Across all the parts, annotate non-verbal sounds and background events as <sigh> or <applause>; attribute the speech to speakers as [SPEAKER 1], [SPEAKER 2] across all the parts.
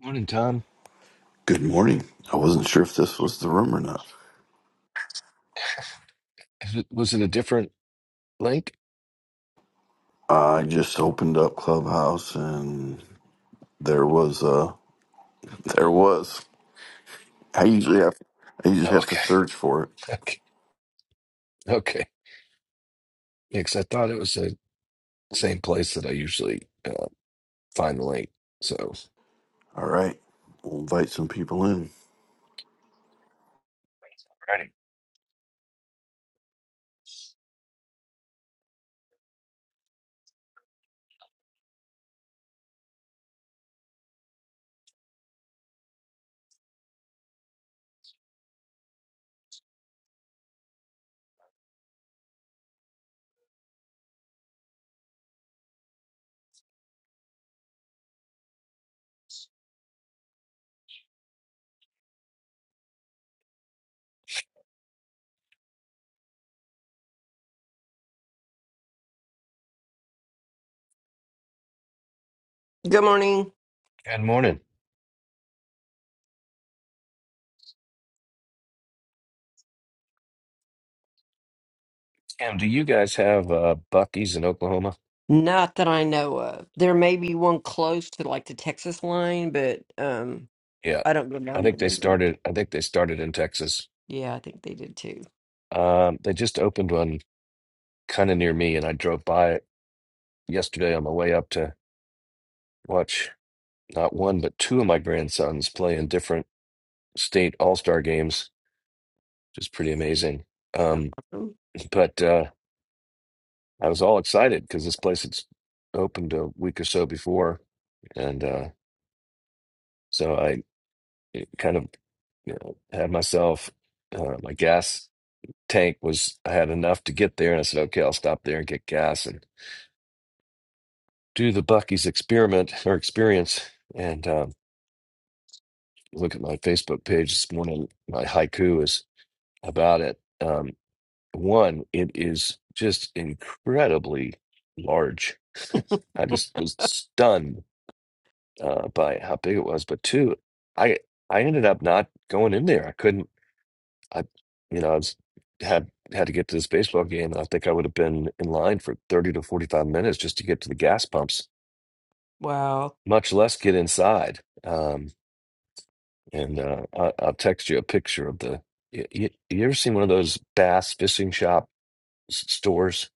[SPEAKER 1] Morning, Tom.
[SPEAKER 2] Good morning. I wasn't sure if this was the room or not.
[SPEAKER 1] Is it, was it a different link?
[SPEAKER 2] I just opened up Clubhouse and there was uh there was. I usually have I usually
[SPEAKER 1] Oh,
[SPEAKER 2] have to
[SPEAKER 1] okay. <laughs>
[SPEAKER 2] search for it.
[SPEAKER 1] Okay. Okay. Yeah, 'cause I thought it was the same place that I usually uh, find the link. So, Alrighty.
[SPEAKER 2] All right. We'll invite some people in.
[SPEAKER 3] Good morning.
[SPEAKER 1] Good morning. Tim, do you guys have uh, Buc-ee's in Oklahoma?
[SPEAKER 3] Not that I know of. There may be one close to like the Texas line, but um,
[SPEAKER 1] Yeah.
[SPEAKER 3] I don't go
[SPEAKER 1] I
[SPEAKER 3] down
[SPEAKER 1] think
[SPEAKER 3] that
[SPEAKER 1] they
[SPEAKER 3] way very
[SPEAKER 1] started,
[SPEAKER 3] often.
[SPEAKER 1] I think they started in Texas.
[SPEAKER 3] Yeah, I think they did too.
[SPEAKER 1] Um, they just opened one kind of near me, and I drove by it yesterday on my way up to watch not one, but two of my grandsons play in different state all-star games, which is pretty amazing. Um,
[SPEAKER 3] <laughs>
[SPEAKER 1] but, uh, I was all excited because this place had s- opened a week or so before, and uh, so I it kind of you know, had myself uh, my gas tank was I had enough to get there, and I said, okay, I'll stop there and get gas and do the Bucky's experiment or experience. And um, look at my Facebook page this morning. My haiku is about it. Um, one, it is just incredibly large.
[SPEAKER 3] Mm.
[SPEAKER 1] <laughs> I just was stunned uh, by how big it was, but two, I I ended up not going in there. I couldn't. I you know I was had had to get to this baseball game, and I think I would have been in line for thirty to forty five minutes just to get to the gas pumps,
[SPEAKER 3] Wow,
[SPEAKER 1] much less get inside. Um, and uh, I, I'll text you a picture of the. You, you, you ever seen one of those bass fishing shop s- stores?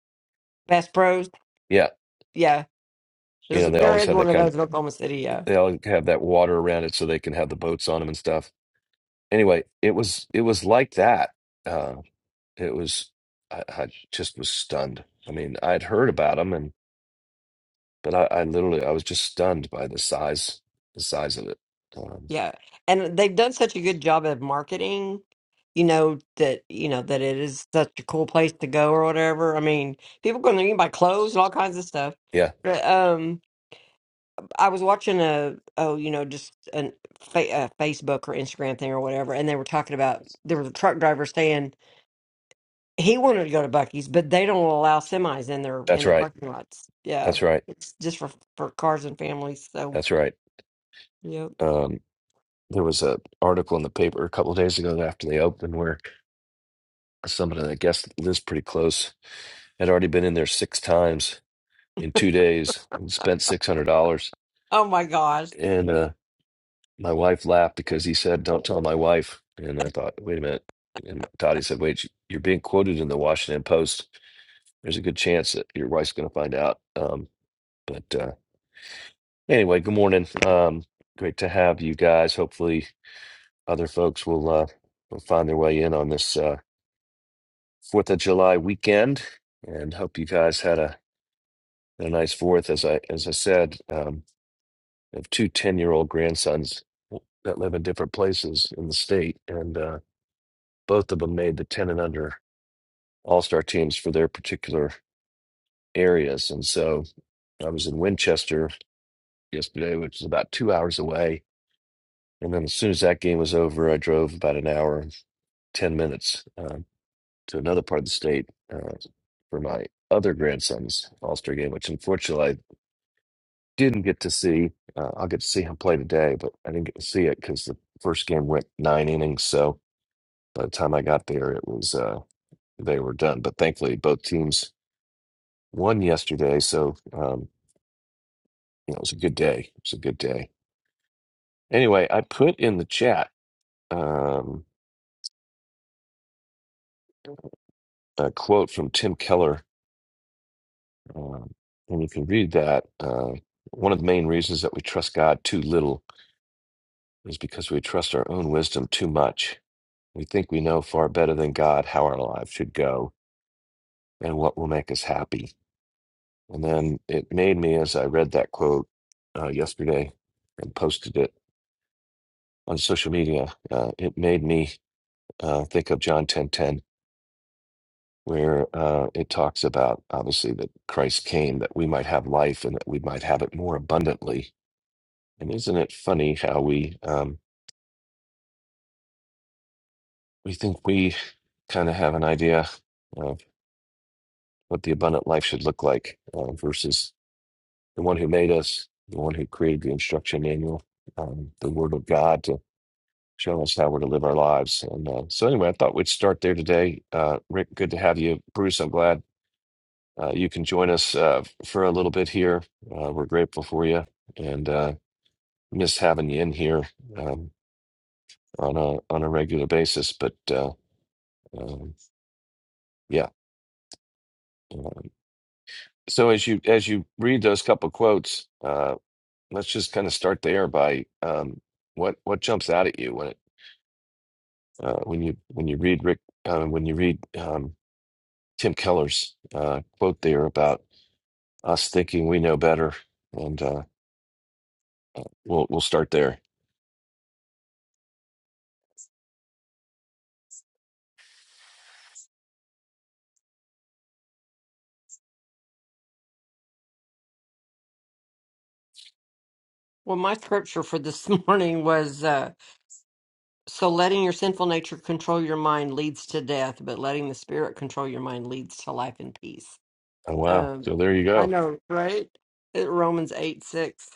[SPEAKER 3] Bass Pros.
[SPEAKER 1] Yeah,
[SPEAKER 3] Yeah,
[SPEAKER 1] you
[SPEAKER 3] there's
[SPEAKER 1] know they
[SPEAKER 3] there
[SPEAKER 1] always
[SPEAKER 3] is
[SPEAKER 1] have
[SPEAKER 3] one
[SPEAKER 1] that
[SPEAKER 3] of
[SPEAKER 1] kind of.
[SPEAKER 3] those in Oklahoma City. Yeah,
[SPEAKER 1] They always have that water around it so they can have the boats on them and stuff. Anyway, it was it was like that uh, It was, I, I just was stunned. I mean, I'd heard about them, and but I, I literally, I was just stunned by the size, the size of it. Um,
[SPEAKER 3] yeah, and they've done such a good job of marketing. You know that you know that it is such a cool place to go or whatever. I mean, people go there, you can buy clothes and all kinds of stuff.
[SPEAKER 1] yeah,
[SPEAKER 3] But um, I was watching a oh you know just an, fa- a Facebook or Instagram thing or whatever, and they were talking about there was a truck driver saying he wanted to go to Bucky's, but they don't allow semis in their
[SPEAKER 1] that's
[SPEAKER 3] in their
[SPEAKER 1] right.
[SPEAKER 3] parking lots. Yeah,
[SPEAKER 1] That's right.
[SPEAKER 3] it's just for for cars and families. So
[SPEAKER 1] That's right.
[SPEAKER 3] yeah.
[SPEAKER 1] Um, there was a article in the paper a couple of days ago after they opened where somebody that I guess lives pretty close had already been in there six times in two days and spent six hundred dollars.
[SPEAKER 3] Oh my gosh.
[SPEAKER 1] And uh, My wife laughed because he said, "Don't tell my wife." And I thought, "Wait a minute." And Todd, he said, "Wait, you're being quoted in the Washington Post. There's a good chance that your wife's going to find out." Um, but uh, anyway, good morning. Um, great to have you guys. Hopefully, other folks will uh, will find their way in on this uh, Fourth of July weekend, and hope you guys had a, a nice Fourth. As I as I said, um, I have 210 year old grandsons that live in different places in the state, and. Uh, both of them made the 10 and under all star teams for their particular areas. And so I was in Winchester yesterday, which is about two hours away. And then as soon as that game was over, I drove about an hour and 10 minutes uh, to another part of the state uh, for my other grandson's all star game, which unfortunately I didn't get to see. Uh, I'll get to see him play today, but I didn't get to see it because the first game went nine innings. So by the time I got there, it was. Uh, they were done, but thankfully both teams won yesterday, so um, you know it was a good day. It was a good day. Anyway, I put in the chat um, a quote from Tim Keller, um, and you can read that. Uh, one of the main reasons that we trust God too little is because we trust our own wisdom too much. We think we know far better than God how our lives should go and what will make us happy. And then it made me, as I read that quote uh, yesterday and posted it on social media, uh, it made me uh, think of John 10:10, where uh, it talks about obviously that Christ came that we might have life and that we might have it more abundantly. And isn't it funny how we um, we think we kind of have an idea of what the abundant life should look like uh, versus the one who made us, the one who created the instruction manual, um, the Word of God to show us how we're to live our lives. And uh, so, anyway, I thought we'd start there today. Uh, Rick, good to have you. Bruce, I'm glad uh, you can join us uh, for a little bit here. Uh, we're grateful for you and uh, miss having you in here um, on a on a regular basis. But uh, um, yeah, um, so as you as you read those couple quotes, uh, let's just kind of start there by um, what what jumps out at you when it uh, when you when you read Rick uh, when you read um, Tim Keller's uh, quote there about us thinking we know better, and uh, we'll we'll start there.
[SPEAKER 3] Well, my scripture for this <laughs> morning was uh, so letting your sinful nature control your mind leads to death, but letting the spirit control your mind leads to life and peace.
[SPEAKER 1] Oh wow!
[SPEAKER 3] Um,
[SPEAKER 1] So there you
[SPEAKER 3] I
[SPEAKER 1] go.
[SPEAKER 3] know, right? It, Romans eight six.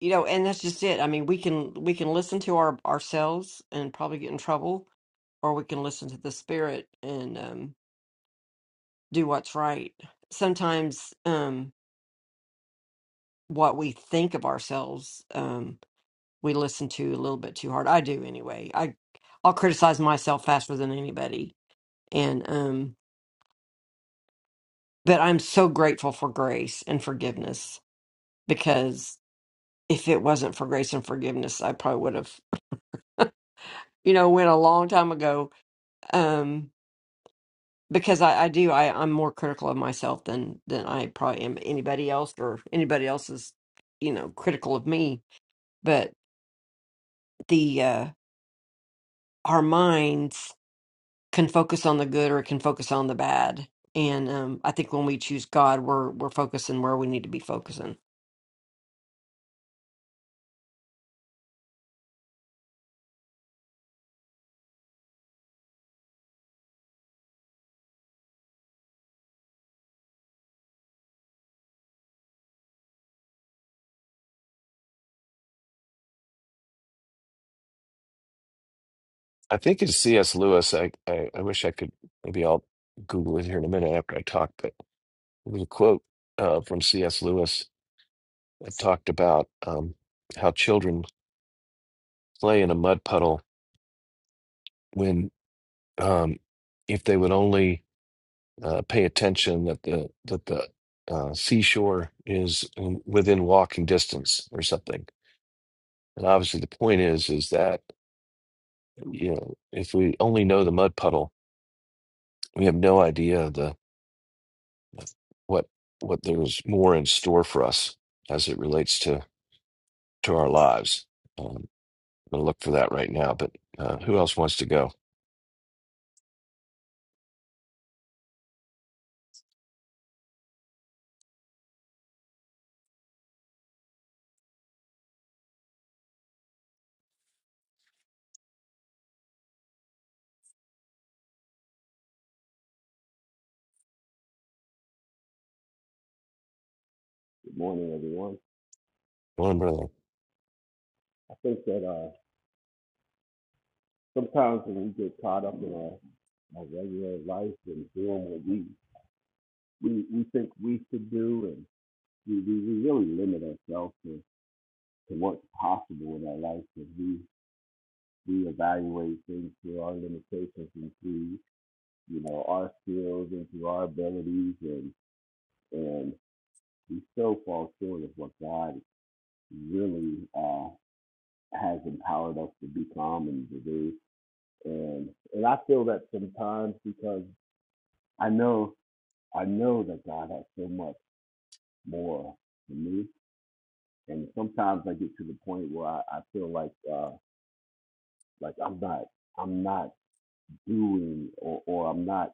[SPEAKER 3] you know and that's just it i mean we can we can listen to our ourselves and probably get in trouble or we can listen to the spirit and um do what's right sometimes um what we think of ourselves um we listen to a little bit too hard i do anyway i i'll criticize myself faster than anybody and um but i'm so grateful for grace and forgiveness because if it wasn't for grace and forgiveness i probably would have you know went a long time ago Um, because I, I do I, I'm more critical of myself than than I probably am anybody else or anybody else is you know critical of me but the uh our minds can focus on the good or it can focus on the bad and um I think when we choose God we're we're focusing where we need to be focusing
[SPEAKER 1] I think it's C.S. Lewis. I, I, I wish I could, maybe I'll Google it here in a minute after I talk, but it was a quote uh, from C.S. Lewis that talked about um, how children play in a mud puddle when, um, if they would only uh, pay attention that the, that the uh, seashore is in- within walking distance or something. And obviously the point is, is that, you know, if we only know the mud puddle, we have no idea what what there's more in store for us as it relates to to our lives. Um, I'm gonna look for that right now. But uh, who else wants to go?
[SPEAKER 4] Good morning, everyone.
[SPEAKER 1] Go on, brother.
[SPEAKER 4] I think that uh, sometimes when we get caught up in our, our regular life and doing what we, we, we think we should do, and we, we, we really limit ourselves to, to what's possible in our life because we, we evaluate things through our limitations and through you know our skills and through our abilities, and and we still fall short of what God really uh, has empowered us to become and to do. and and I feel that sometimes because I know I know that God has so much more for me, and sometimes I get to the point where I, I feel like uh, like I'm not I'm not doing or, or I'm not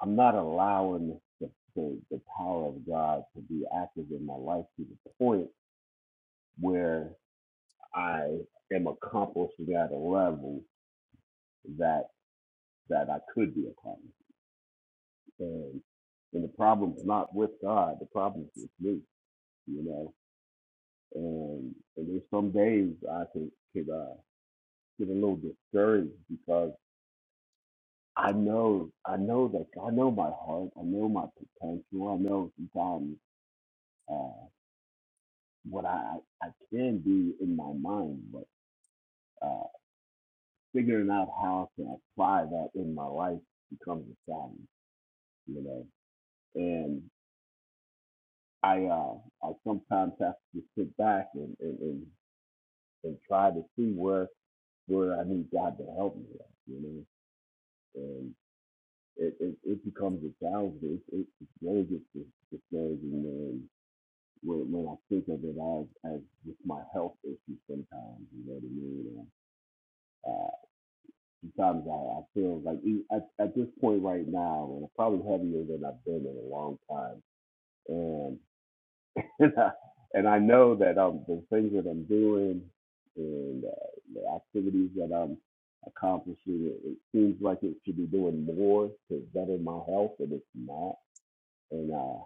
[SPEAKER 4] I'm not allowing the, the the power of God to be active in my life to the point where I am accomplishing at a level that that I could be accomplishing. And and the problem's not with God, the problem's with me, you know. And, and there's some days I could could uh, get a little discouraged because I know I know that I know my heart, I know my potential, I know sometimes uh, what I I can do in my mind, but uh, figuring out how to apply that in my life becomes a challenge, you know. And I uh, I sometimes have to sit back and, and, and and try to see where where I need God to help me at, you know. And it it, it becomes a challenge. It, it it really gets dis- discouraging man when when I think of it as as just my health issue sometimes, you know what I mean? And, uh, sometimes I, I feel like e- at, at this point right now, and I'm probably heavier than I've been in a long time. And <laughs> and I, and I know that um the things that I'm doing and uh, the activities that I'm accomplishing, it, it seems like it should be doing more to better my health, and it's not. And uh,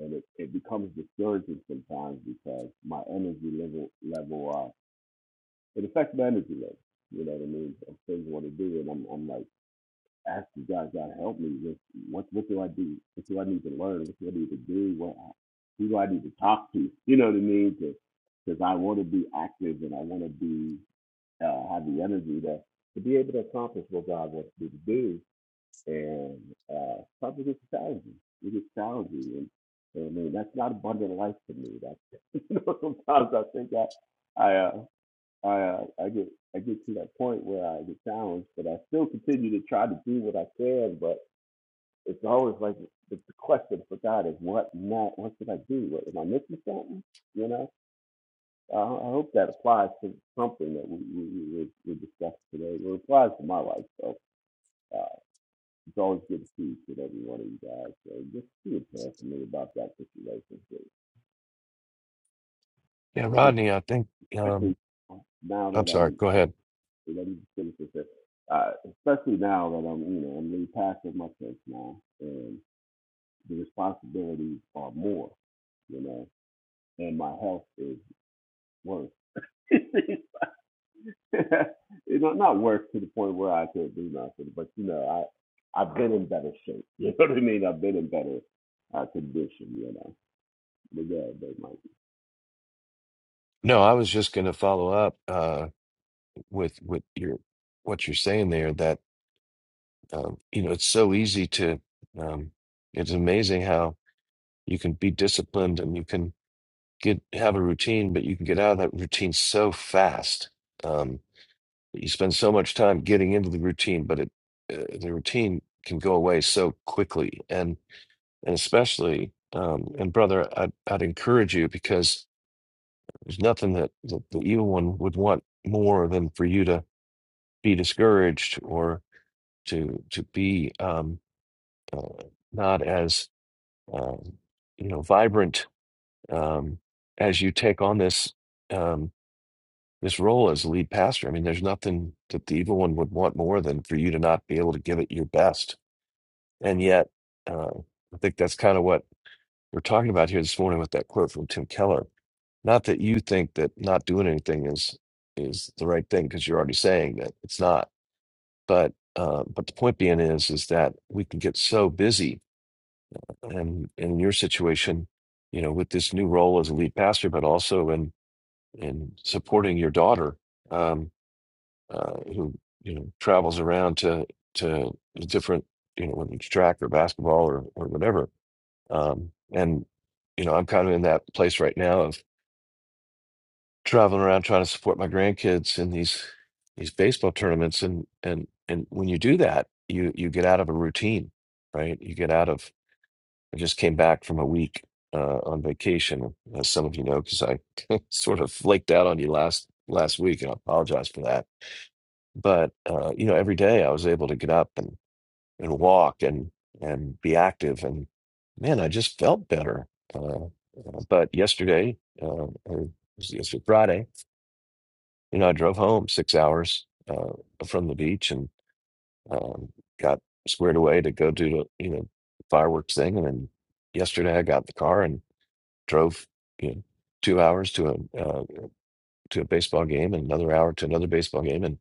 [SPEAKER 4] and it, it becomes discouraging sometimes because my energy level level uh it affects my energy level. You know what I mean? Of things I want to do, and I'm I'm like ask God, God help me with what what do I do? What do I need to learn? What do I need to do? What who do I need to talk to? You know what I mean? Because I want to be active and I want to be uh, have the energy to to be able to accomplish what God wants me to do. And uh, something gets challenging. It gets challenging, and, and I mean that's not abundant life to me. That's <laughs> you know, sometimes I think I I uh, I uh, I get I get to that point where I get challenged, but I still continue to try to do what I can. But it's always like the, the question for God is what not what should I do? What, am I missing something? You know. I, I hope that applies to something that we we we, we discussed today. Well, It applies to my life, so uh, it's always good to see each and every one of you guys. So just be a prayer for me about that situation,
[SPEAKER 1] Yeah, Rodney. I think.
[SPEAKER 4] especially
[SPEAKER 1] Um,
[SPEAKER 4] now
[SPEAKER 1] I'm
[SPEAKER 4] that
[SPEAKER 1] sorry.
[SPEAKER 4] I'm
[SPEAKER 1] Go ahead.
[SPEAKER 4] So let me just finish this. Up. Uh, especially now that I'm, you know, I'm really past my kids now, and the responsibilities are more, you know, and my health is worse. <laughs> you know, not worse to the point where I could do nothing, but you know, I I've been in better shape. <laughs> You know what I mean? I've been in better uh, condition, you know. But yeah, but like,
[SPEAKER 1] No, I was just gonna follow up uh, with with your what you're saying there. That um, you know, it's so easy to. Um, it's amazing how you can be disciplined and you can get have a routine, but you can get out of that routine so fast. Um, you spend so much time getting into the routine, but it uh, the routine can go away so quickly, and and especially um, and brother, I'd, I'd encourage you because there's nothing that, that the evil one would want more than for you to be discouraged or to to be um, uh, not as um, you know vibrant um, as you take on this. Um, this role as lead pastor. I mean, there's nothing that the evil one would want more than for you to not be able to give it your best. And yet, uh, I think that's kind of what we're talking about here this morning with that quote from Tim Keller. Not that you think that not doing anything is is the right thing because you're already saying that it's not. But uh, but the point being is is that we can get so busy, and, and in your situation, you know, with this new role as a lead pastor, but also in in supporting your daughter. Um, uh, who you know travels around to to the different you know whether it's track or basketball or or whatever. Um, and you know I'm kind of in that place right now of traveling around trying to support my grandkids in these these baseball tournaments. And and and when you do that, you you get out of a routine, right? You get out of. I just came back from a week uh, on vacation, as some of you know, because I <laughs> sort of flaked out on you last last week, and I apologize for that but uh, you know every day I was able to get up and and walk and and be active and man I just felt better uh, uh, but yesterday uh, or it was yesterday Friday you know I drove home six hours uh, from the beach and um, got squared away to go do the you know fireworks thing and then yesterday I got in the car and drove you know two hours to a uh, to a baseball game and another hour to another baseball game and.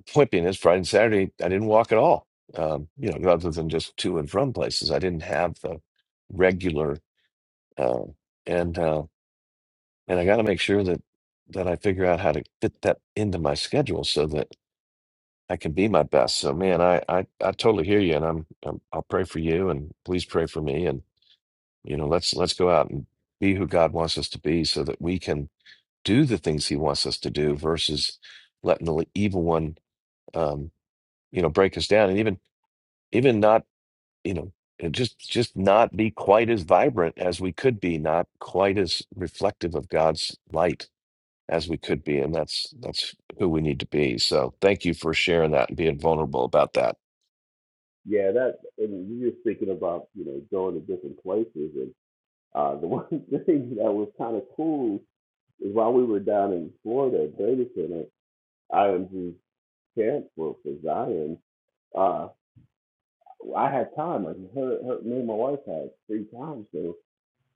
[SPEAKER 1] point being is Friday and Saturday, I didn't walk at all. Um, you know, other than just to and from places, I didn't have the regular, uh, and uh, and I got to make sure that that I figure out how to fit that into my schedule so that I can be my best. So, man, I I, I totally hear you, and I'm, I'm I'll pray for you, and please pray for me, and you know, let's let's go out and be who God wants us to be, so that we can do the things He wants us to do, versus letting the evil one, um, you know, break us down, and even even not you know and just just not be quite as vibrant as we could be not quite as reflective of god's light as we could be and that's that's who we need to be so thank you for sharing that and being vulnerable about that
[SPEAKER 4] yeah, that and you're just thinking about you know going to different places, and uh, the <laughs> one thing that was kind of cool while we were down in Florida at Data Center, IMG's camp for, for Zion, uh, I had time. Like her, her, me and my wife had free time. So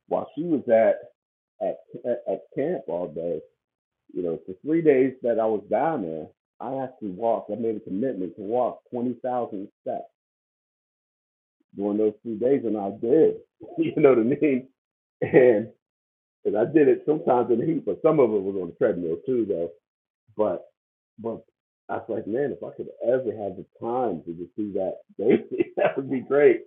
[SPEAKER 4] while she was at at at camp all day, you know, for three days that I was down there, I actually walked. I made a commitment to walk twenty thousand steps during those three days, and I did. <laughs> you know what I mean? And and I did it sometimes in the heat, but some of it was on the treadmill too, though. But but I was like, man, if I could ever have the time to just see that baby, <laughs> that would be great.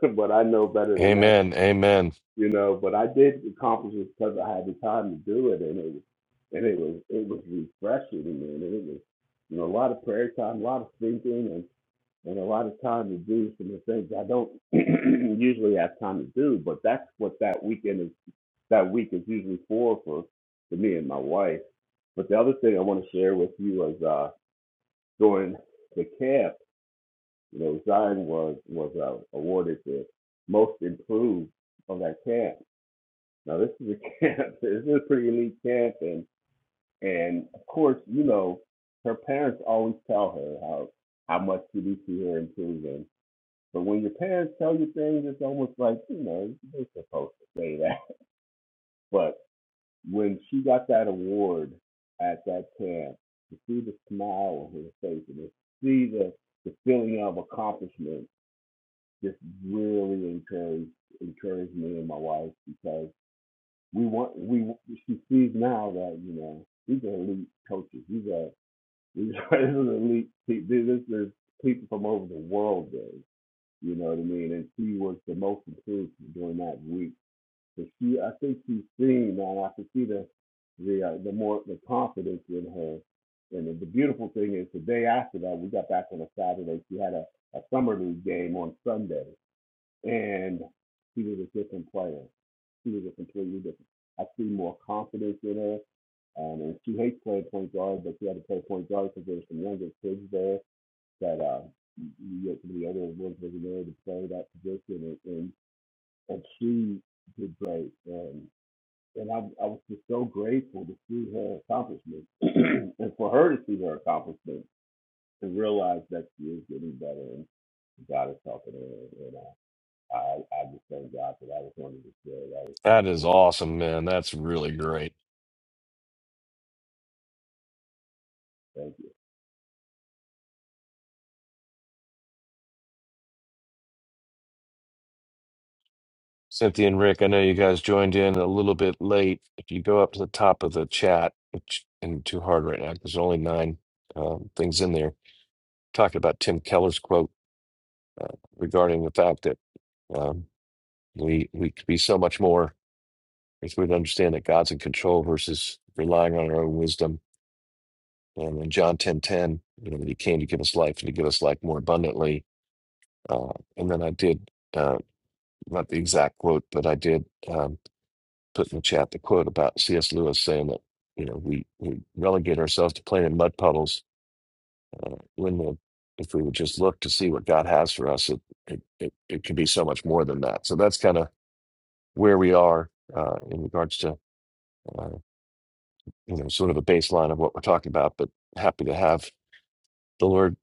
[SPEAKER 4] <laughs> But I know better than that,
[SPEAKER 1] amen amen
[SPEAKER 4] you know. But I did accomplish it because I had the time to do it, and it was and it was it was refreshing, man. And it was you know a lot of prayer time, a lot of thinking, and and a lot of time to do some of the things I don't <clears throat> usually have time to do. But that's what that weekend is. That week is usually for for for me and my wife. But the other thing I want to share with you is. uh during the camp, you know, Zion was was uh, awarded the most improved of that camp. Now this is a camp. <laughs> This is a pretty elite camp, and and of course, you know, her parents always tell her how how much did you see her improving. But when your parents tell you things, it's almost like you know they're supposed to say that. <laughs> But when she got that award at that camp, to see the smile on her face and to see the the feeling of accomplishment just really encouraged encouraged me and my wife because we want we she sees now that you know these are elite coaches. These are these <laughs> are elite. pe- This is people from over the world. There, you know what I mean. And she was the most improved during that week. But she, I think she's seen now. I can see the the uh, the more the confidence in her. And the beautiful thing is, the day after that, we got back on a Saturday. She had a a summer league game on Sunday, and she was a different player. She was a completely different. I see more confidence in her. Um, and she hates playing point guard, but she had to play point guard because there were some younger kids there that uh, you get some of the other ones wasn't there to play that position, and and, and she did great. And and I, I was just so grateful to see her accomplishment, <clears throat> and for her to see her accomplishment and realize that she is getting better, and God is helping her. And, and uh, I, I just thank God for that. I just wanted to share that with you.
[SPEAKER 1] that is awesome man that's really great
[SPEAKER 4] Thank you.
[SPEAKER 1] Cynthia and Rick, I know you guys joined in a little bit late. If you go up to the top of the chat, which isn't too hard right now, 'cause there's only nine um, things in there, talking about Tim Keller's quote uh, regarding the fact that um, we we could be so much more if we'd understand that God's in control versus relying on our own wisdom. And in John ten ten, you know, that He came to give us life and to give us life more abundantly. Uh, and then I did uh, not the exact quote, but I did. Um, put in the chat the quote about C.S. Lewis saying that you know we we relegate ourselves to playing in mud puddles uh, when the, if we would just look to see what God has for us, it it it, it can be so much more than that. So that's kind of where we are uh, in regards to uh, you know sort of a baseline of what we're talking about. But happy to have the Lord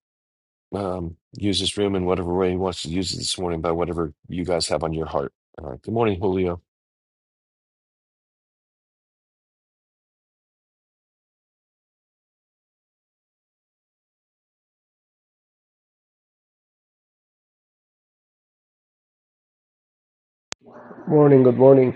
[SPEAKER 1] um, use this room in whatever way He wants to use it this morning by whatever you guys have on your heart. Uh, good morning, Julio.
[SPEAKER 5] Morning. Good morning.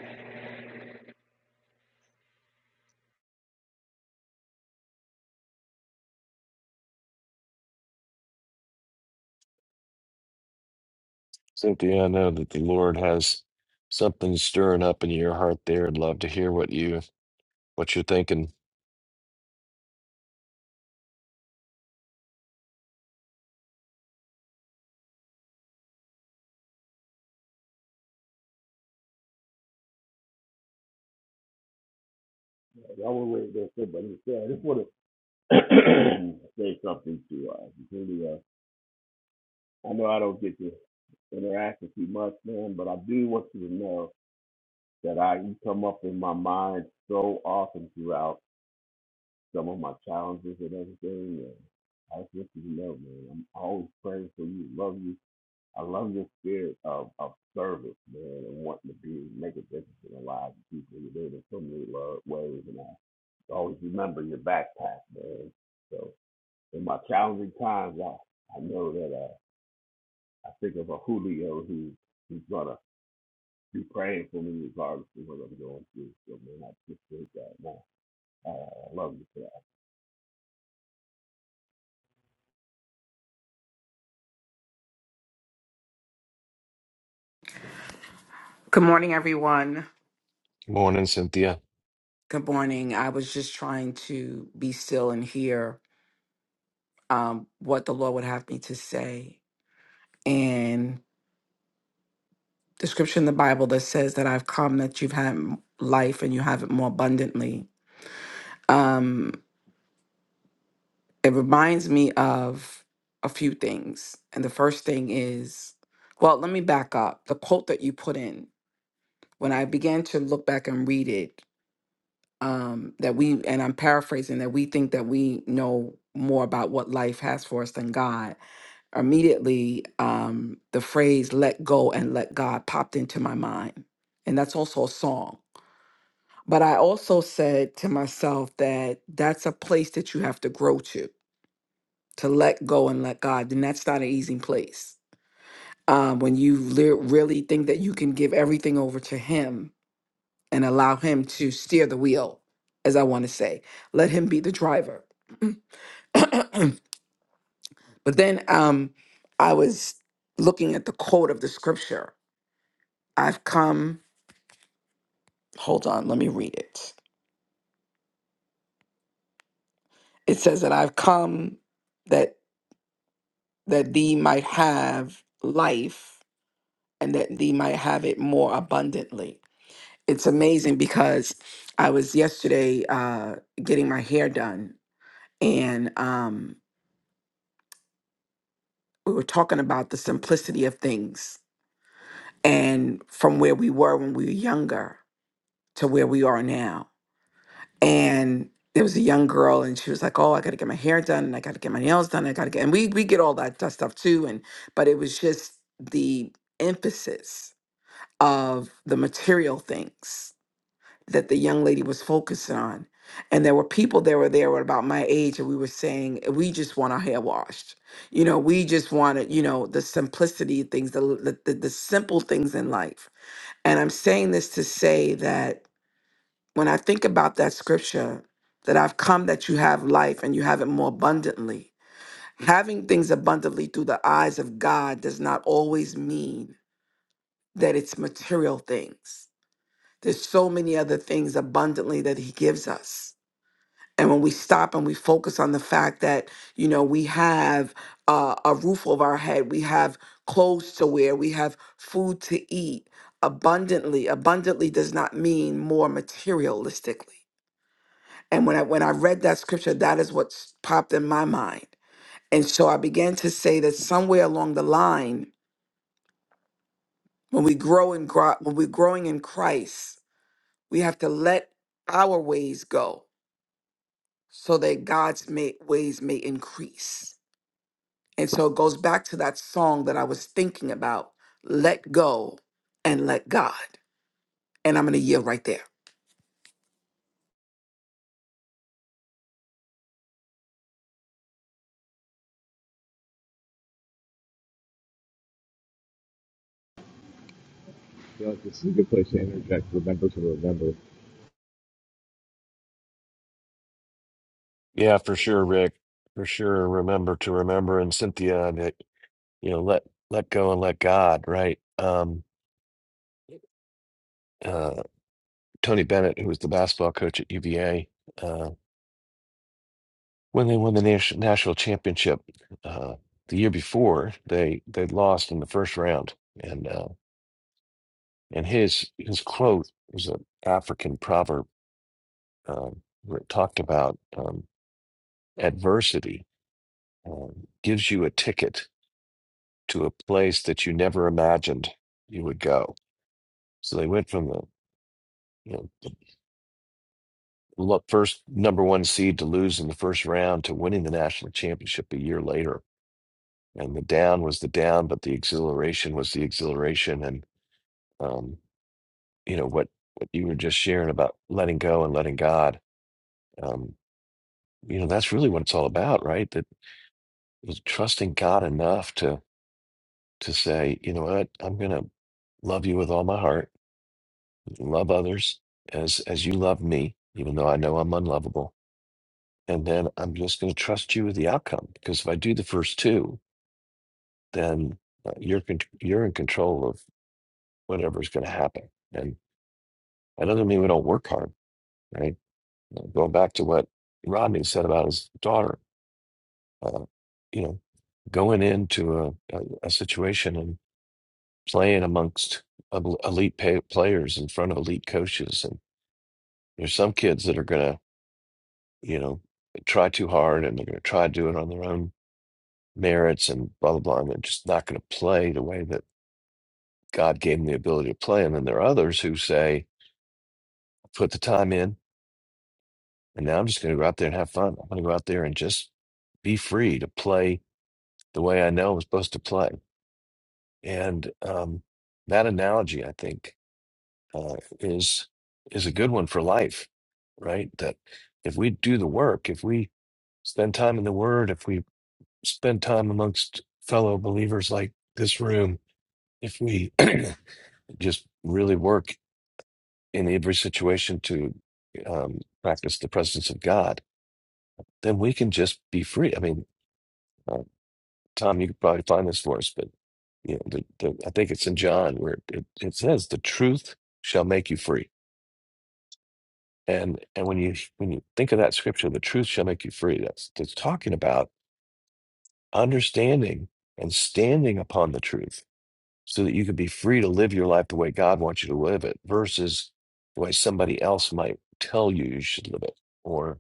[SPEAKER 1] Cynthia, I know that the Lord has something stirring up in your heart there. I'd love to hear what you what you're thinking.
[SPEAKER 4] Y'all were waiting there too, but you I just want to <clears throat> say something to uh, Virginia. I know I don't get to interact with you much, man, but I do want you to know that I you come up in my mind so often throughout some of my challenges and everything. And I just want you to know, man, I'm always praying for you, love you. I love your spirit of, of service, man, and wanting to be make a difference in the lives of people. You do it in so many love ways, and I always remember your backpack, man. So in my challenging times, I, I know that uh, I think of a Julio who who's gonna be praying for me regardless of what I'm going through. So man, I just think that man, I, I love you for that.
[SPEAKER 6] Good morning, everyone.
[SPEAKER 1] Morning, Cynthia.
[SPEAKER 6] Good morning. I was just trying to be still and hear um, what the Lord would have me to say. And the scripture in the Bible that says that I've come that you've had m- life and you have it more abundantly. Um, it reminds me of a few things. And the first thing is, well, let me back up. The quote that you put in, when I began to look back and read it, um, that we and I'm paraphrasing that we think that we know more about what life has for us than God. Immediately, um, the phrase "let go and let God" popped into my mind, and that's also a song. But I also said to myself that that's a place that you have to grow to to let go and let God, and that's not an easy place. Um, when you le- really think that you can give everything over to Him, and allow him to steer the wheel, as I want to say. Let him be the driver. <clears throat> but then um, I was looking at the quote of the scripture. I've come, hold on, let me read it. It says that I've come that that thee might have life and that thee might have it more abundantly. It's amazing because I was yesterday uh, getting my hair done and um, we were talking about the simplicity of things and from where we were when we were younger to where we are now. And there was a young girl and she was like, Oh, I gotta get my hair done and I gotta get my nails done. I gotta get and we we get all that that stuff too. And but it was just the emphasis of the material things that the young lady was focused on. And there were people that were there were about my age, and we were saying, we just want our hair washed. You know, we just wanted, you know, the simplicity of things, the, the, the the simple things in life. And I'm saying this to say that when I think about that scripture, that I've come that you have life and you have it more abundantly. Having things abundantly through the eyes of God does not always mean that it's material things. There's so many other things abundantly that He gives us and when we stop and we focus on the fact that you know we have uh, a roof over our head we have clothes to wear we have food to eat abundantly abundantly does not mean more materialistically and when i when i read that scripture that is what s- popped in my mind and so i began to say that somewhere along the line when we grow and grow when we're growing in christ we have to let our ways go so that god's may, ways may increase And so it goes back to that song that I was thinking about let go and let God. And I'm going to yield right there.
[SPEAKER 7] I feel like this is a good place to interject. Remember to remember.
[SPEAKER 1] Yeah, for sure, Rick. For sure. Remember to remember and Cynthia that you know, let let go and let God, right? Um uh Tony Bennett, who was the basketball coach at UVA, uh, when they won the nation, national championship uh the year before, they they lost in the first round. And uh and his his quote was an African proverb um, where it talked about um, adversity um, gives you a ticket to a place that you never imagined you would go. So they went from the you know lo- first number one seed to lose in the first round to winning the national championship a year later. And the down was the down, but the exhilaration was the exhilaration. And um, you know what what you were just sharing about letting go and letting God. Um, you know that's really what it's all about, right? That was trusting God enough to. to say, you know what, I'm going to love you with all my heart, love others as as you love me, even though I know I'm unlovable. And then I'm just going to trust you with the outcome because if I do the first two, then uh, you're con- you're in control of whatever's going to happen. And that doesn't mean we don't work hard, right? Uh, Going back to what Rodney said about his daughter, uh, you know, going into a, a, a situation and playing amongst el- elite pay- players in front of elite coaches There's some kids that are gonna, you know, try too hard and they're gonna try to do it on their own merits and blah blah blah, and they're just not gonna play the way that God gave them the ability to play. And then there are others who say, put the time in, and now I'm just gonna go out there and have fun. I'm gonna go out there and just be free to play the way I know I'm supposed to play. And um, that analogy, I think, uh, is is a good one for life, right? That if we do the work, if we spend time in the Word, if we spend time amongst fellow believers like this room if we <clears throat> just really work in every situation to um, practice the presence of God, then we can just be free. I mean, uh, Tom, you could probably find this for us, but you know, the, the, I think it's in John where it, it says, "The truth shall make you free." And and when you when you think of that scripture, "The truth shall make you free," that's that's talking about understanding and standing upon the truth so that you can be free to live your life the way God wants you to live it versus the way somebody else might tell you you should live it or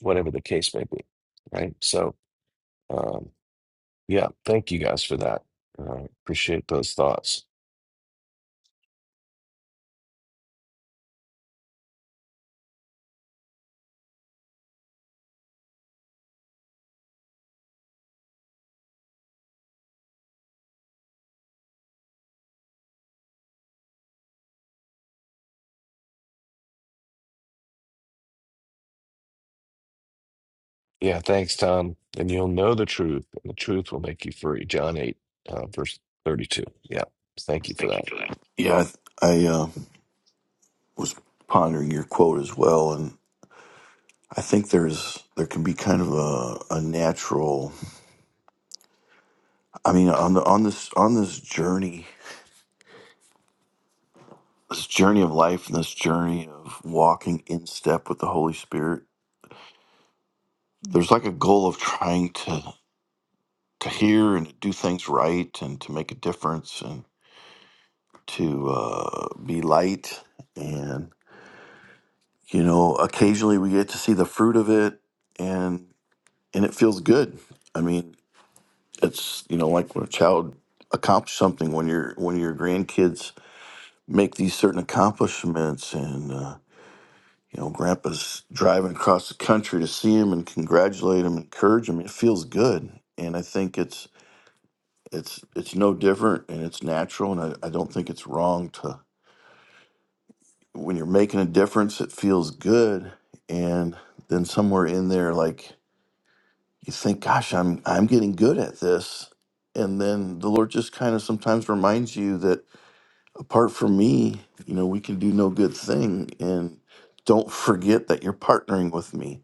[SPEAKER 1] whatever the case may be. Right. So, um, yeah, thank you guys for that. Uh, appreciate those thoughts. Yeah, thanks, Tom. And you'll know the truth, and the truth will make you free. John 8, uh, verse 32. Yeah, thank you for
[SPEAKER 2] Yeah, I, I uh, was pondering your quote as well and I think there's there can be kind of a, a natural I mean on the on this on this journey this journey of life and this journey of walking in step with the Holy Spirit there's like a goal of trying to to hear and to do things right and to make a difference and to uh, be light and you know occasionally we get to see the fruit of it and and it feels good i mean it's you know like when a child accomplishes something when your when your grandkids make these certain accomplishments and uh, you know grandpa's driving across the country to see him and congratulate him encourage him it feels good and i think it's it's it's no different and it's natural and I, I don't think it's wrong to when you're making a difference it feels good and then somewhere in there like you think gosh i'm i'm getting good at this and then the lord just kind of sometimes reminds you that apart from me you know we can do no good thing and don't forget that you're partnering with me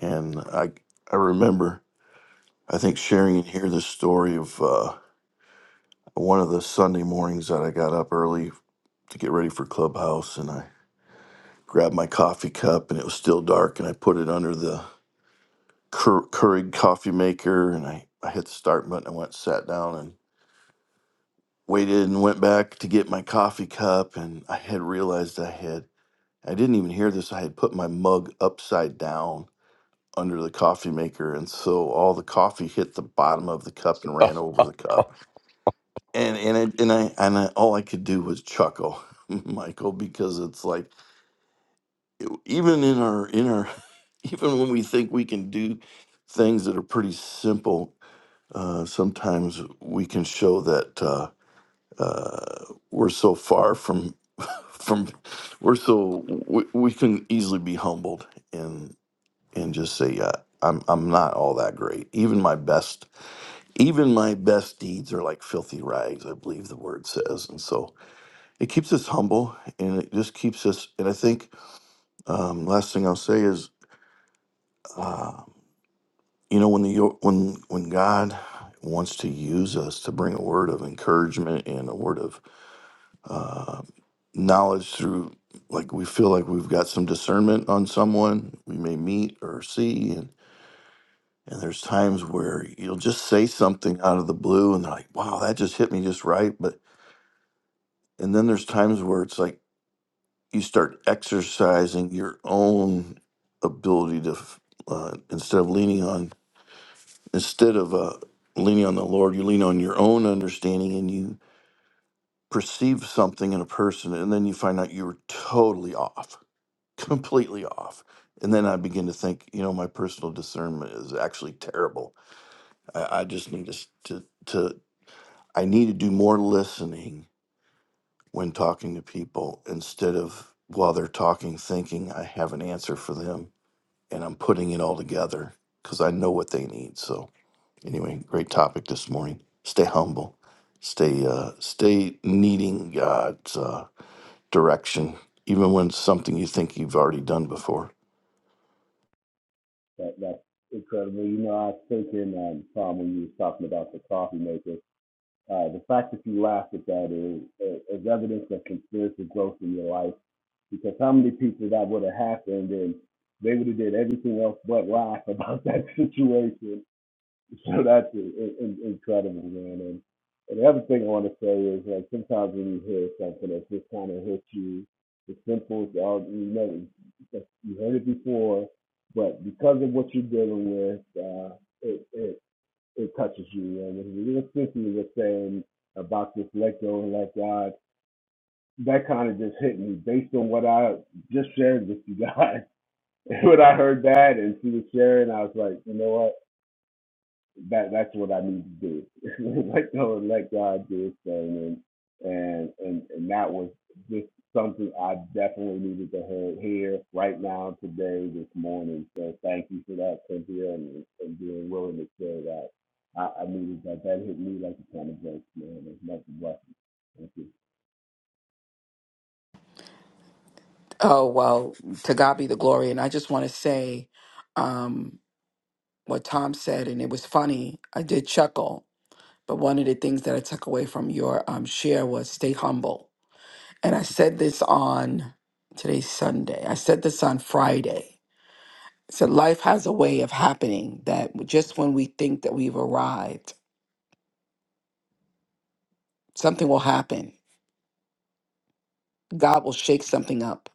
[SPEAKER 2] and i i remember i think sharing in here the story of uh one of the Sunday mornings that I got up early to get ready for Clubhouse, and I grabbed my coffee cup, and it was still dark, and I put it under the Keur- Keurig coffee maker, and I, I hit the start button. I went, sat down, and waited, and went back to get my coffee cup, and I had realized I had I didn't even hear this. I had put my mug upside down under the coffee maker, and so all the coffee hit the bottom of the cup and ran
[SPEAKER 1] that.
[SPEAKER 2] over the cup and and I, and I and I all I could do was chuckle, <laughs> Michael, because it's like even in our in our <laughs> even when we think we can do things that are pretty simple, uh, sometimes we can show that uh, uh, we're so far from <laughs> from we're so we, we can easily be humbled and and just say yeah. I'm, I'm not all that great. Even my best, even my best deeds are like filthy rags. I believe the word says, and so it keeps us humble and it just keeps us and i think um, last thing i'll say is uh, you know when the when when god wants to use us to bring a word of encouragement and a word of uh, knowledge through like we feel like we've got some discernment on someone we may meet or see and and there's times where you'll just say something out of the blue and they're like wow that just hit me just right but and then there's times where it's like you start exercising your own ability to f- uh, instead of leaning on instead of uh, leaning on the lord you lean on your own understanding and you perceive something in a person and then you find out you were totally off <laughs> completely off and then i begin to think you know my personal discernment is actually terrible i, I just need to, s- to to i need to do more listening when talking to people instead of while they're talking thinking i have an answer for them and I'm putting it all together because I know what they need. So anyway, great topic this morning. Stay humble. Stay uh, stay needing God's uh, direction, even when it's something you think you've already done before.
[SPEAKER 4] That, that's incredible. You know, I was thinking um, Tom when you was talking about the coffee maker. Uh, the fact that you laughed at that is, uh, is evidence of conspiracy growth in your life because how many people that would have happened and they would have did everything else but laugh about <laughs> that situation. So that's in, in, incredible, man. And, and the other thing I want to say is like sometimes when you hear something that just kind of hits you, it's simple, It's all you know, you heard it before, but because of what you're dealing with, uh, it, it it touches you. And when you Cynthia was saying about this let go and let God, that kind of just hit me based on what I just shared with you guys. <laughs> when I heard that and she was sharing, I was like, you know what? that that's what I need to do. <laughs> let go and let God do his thing and and and, and that was just something I definitely needed to hear, here right now, today, this morning. So thank you for that, Cynthia, and, and being willing to share that. I, I needed that. That hit me like a ton of bricks, man. It's much a blessing. Thank you.
[SPEAKER 6] Oh, well, to God be the glory. And I just want to say um, what Tom said, and it was funny. I did chuckle, but one of the things that I took away from your um, share was stay humble. And I said this on today's Sunday, I said this on Friday. I said life has a way of happening that just when we think that we've arrived, something will happen. God will shake something up.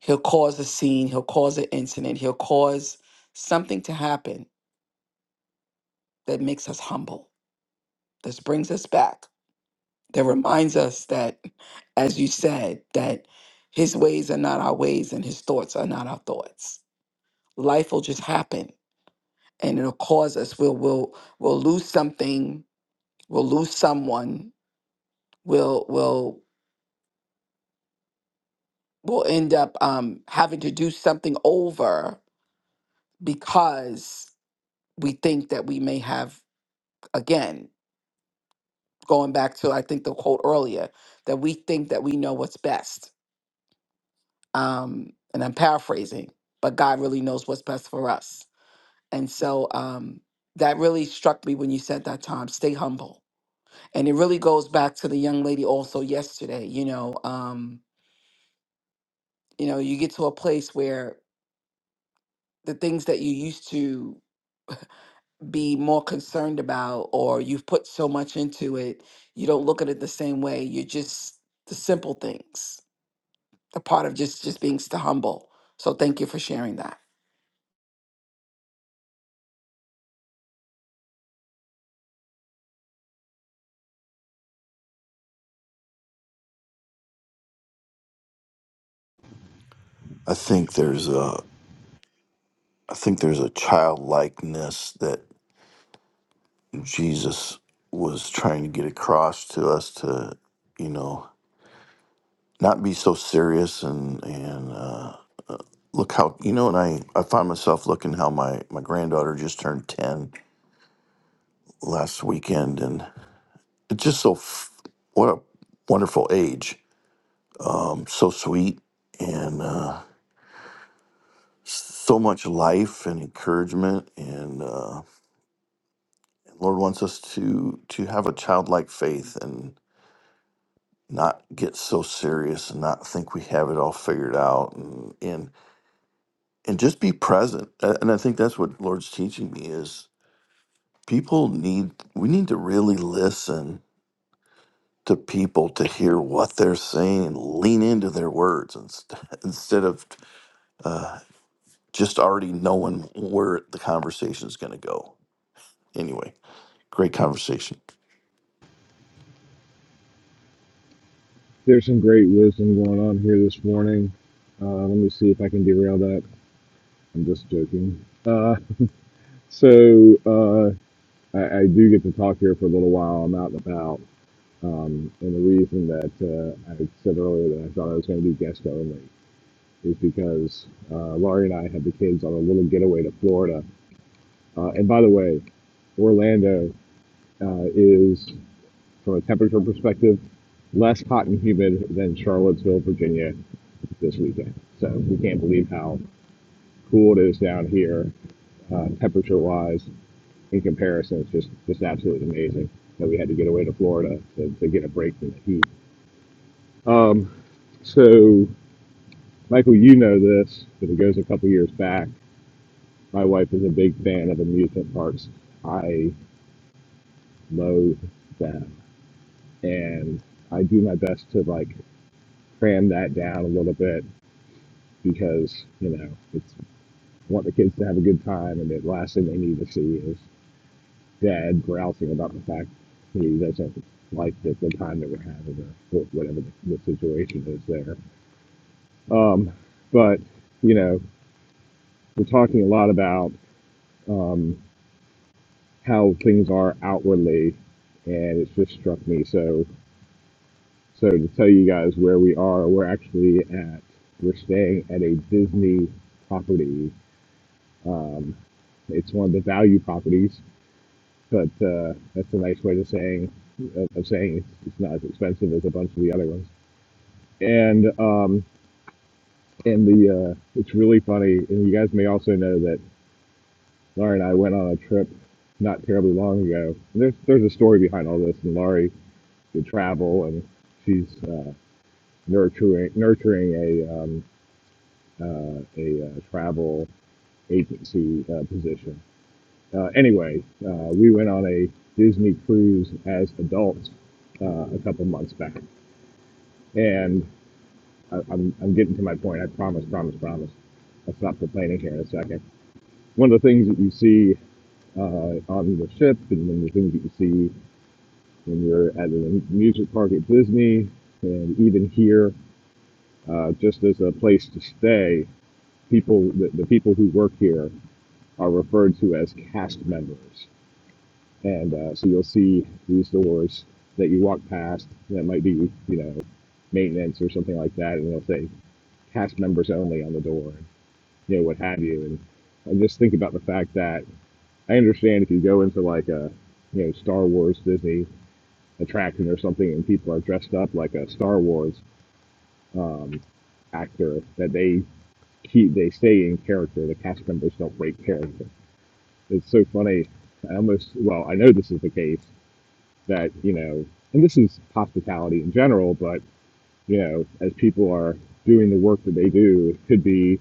[SPEAKER 6] He'll cause a scene, he'll cause an incident, he'll cause something to happen that makes us humble. This brings us back. That reminds us that as you said that his ways are not our ways and his thoughts are not our thoughts. Life will just happen and it'll cause us we'll we'll we'll lose something, we'll lose someone, we'll we'll we'll end up um having to do something over because we think that we may have again going back to i think the quote earlier that we think that we know what's best um and i'm paraphrasing but god really knows what's best for us and so um that really struck me when you said that tom stay humble and it really goes back to the young lady also yesterday you know um you know you get to a place where the things that you used to be more concerned about or you've put so much into it you don't look at it the same way you're just the simple things the part of just just being st- humble so thank you for sharing that
[SPEAKER 2] I think there's a I think there's a childlikeness that Jesus was trying to get across to us to you know not be so serious and and uh, look how you know and I I find myself looking how my my granddaughter just turned ten last weekend, and it's just so f- what a wonderful age. Um, so sweet and uh, so much life and encouragement, and uh, Lord wants us to to have a childlike faith and not get so serious and not think we have it all figured out and and, and just be present. A- And I think that's what Lord's teaching me is people need we need to really listen to people to hear what they're saying and lean into their words inst- <laughs> instead of just already knowing where the conversation is going to go. Anyway, great conversation.
[SPEAKER 7] There's some great wisdom going on here this morning. Uh, let me see if I can derail that. I'm just joking. Uh, so uh, I, I do get to talk here for a little while. I'm out and about, um, and the reason that uh, I said earlier that I thought I was going to be guest only is because uh, Laurie and I had the kids on a little getaway to Florida. Uh, and by the way, Orlando uh, is. from a temperature perspective, less hot and humid than Charlottesville, Virginia this weekend. So we can't believe how cool it is down here, uh, temperature wise, in comparison. It's just, just absolutely amazing that we had to get away to Florida to, to get a break from the heat. Um, so, Michael, you know this, but it goes a couple years back. My wife is a big fan of amusement parks. I loathe them. And I do my best to like cram that down a little bit because you know it's want the kids to have a good time, and the last thing they need to see is dad grousing about the fact he doesn't like the, the time that we're having or whatever the, the situation is there. Um, but you know, we're talking a lot about um, how things are outwardly, and it's just struck me so. So to tell you guys where we are, we're actually at we're staying at a Disney property. Um, it's one of the value properties but uh, that's a nice way to saying of saying it's, it's not as expensive as a bunch of the other ones. And um, and the uh, it's really funny. And you guys may also know that Laurie and I went on a trip not terribly long ago. And there's there's a story behind all this. And Laurie did travel, and she's uh, nurturing nurturing a um, uh, a uh, travel agency uh, position. Uh, anyway, uh, we went on a Disney cruise as adults uh, a couple months back And I, I'm, I'm getting to my point. I promise, promise, promise. I'll stop complaining here in a second. One of the things that you see uh, on the ship, and one of the things that you see when you're at a music park at Disney, and even here, uh, just as a place to stay, people the, the people who work here are referred to as cast members. And uh, so you'll see these doors that you walk past that might be, you know, maintenance or something like that, and they'll say cast members only on the door. you know, what have you. And I just think about the fact that I understand if you go into like a, you know, Star Wars Disney attraction or something and people are dressed up like a Star Wars um, actor, that they keep, they stay in character. The cast members don't break character. It's so funny. I almost, well, I know this is the case that, you know, and this is hospitality in general, but, you know, as people are doing the work that they do, it could be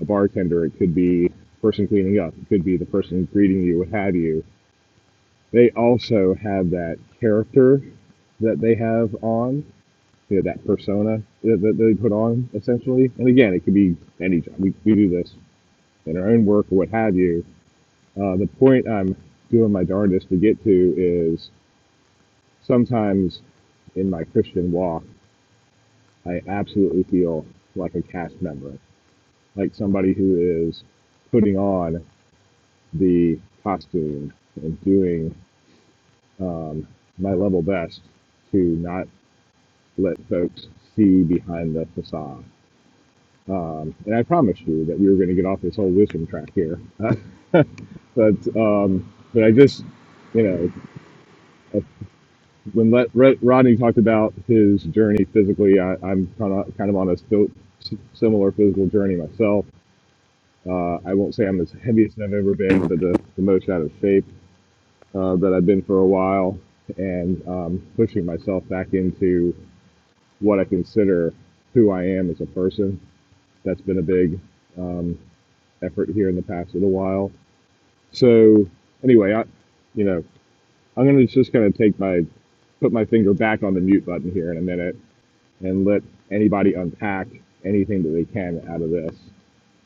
[SPEAKER 7] a bartender, it could be the person cleaning up, it could be the person greeting you, what have you. They also have that character that they have on, you know, that persona that, that they put on essentially. And again, it could be any job. We, we do this in our own work or what have you. Uh, the point I'm doing my darndest to get to is sometimes in my Christian walk, I absolutely feel like a cast member, like somebody who is putting on the costume and doing um, my level best to not let folks see behind the facade. Um, and I promised you that we were going to get off this whole wisdom track here. <laughs> but um, but I just you know uh, when let, Rod- Rodney talked about his journey physically, I, I'm kind of kind of on a sto- similar physical journey myself. Uh, I won't say I'm as heavy as I've ever been, but the, the most out of shape. uh, that I've been for a while and um, pushing myself back into what I consider who I am as a person. That's been a big um, effort here in the past little while. So anyway, I, you know, I'm gonna just kind of take my put my finger back on the mute button here in a minute and let anybody unpack anything that they can out of this.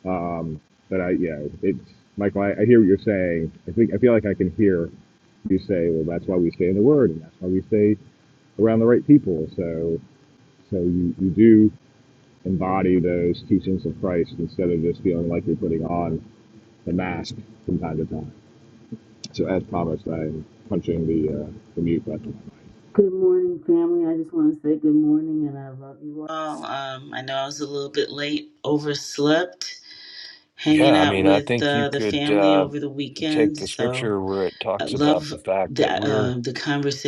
[SPEAKER 7] Um, but I, yeah, it's Michael. I, I hear what you're saying. I think I feel like I can hear you say, well, that's why we stay in the Word, and that's why we stay around the right people. So, so you you do embody those teachings of Christ instead of just feeling like you're putting on the mask from time to time. So, as promised, I'm punching the uh, the mute button.
[SPEAKER 8] Good morning, family. I just want to say good morning and I love you all. Um, I know I was a little bit late, overslept,
[SPEAKER 1] <laughs>
[SPEAKER 8] hanging
[SPEAKER 1] yeah, I
[SPEAKER 8] out
[SPEAKER 1] mean, I
[SPEAKER 8] with
[SPEAKER 1] think you
[SPEAKER 8] uh, the
[SPEAKER 1] could
[SPEAKER 8] family
[SPEAKER 1] uh,
[SPEAKER 8] over the
[SPEAKER 1] take
[SPEAKER 8] weekend.
[SPEAKER 1] the
[SPEAKER 8] So
[SPEAKER 1] scripture where it
[SPEAKER 8] I
[SPEAKER 1] talks about
[SPEAKER 8] love
[SPEAKER 1] the fact that
[SPEAKER 8] that
[SPEAKER 1] we're
[SPEAKER 8] uh, the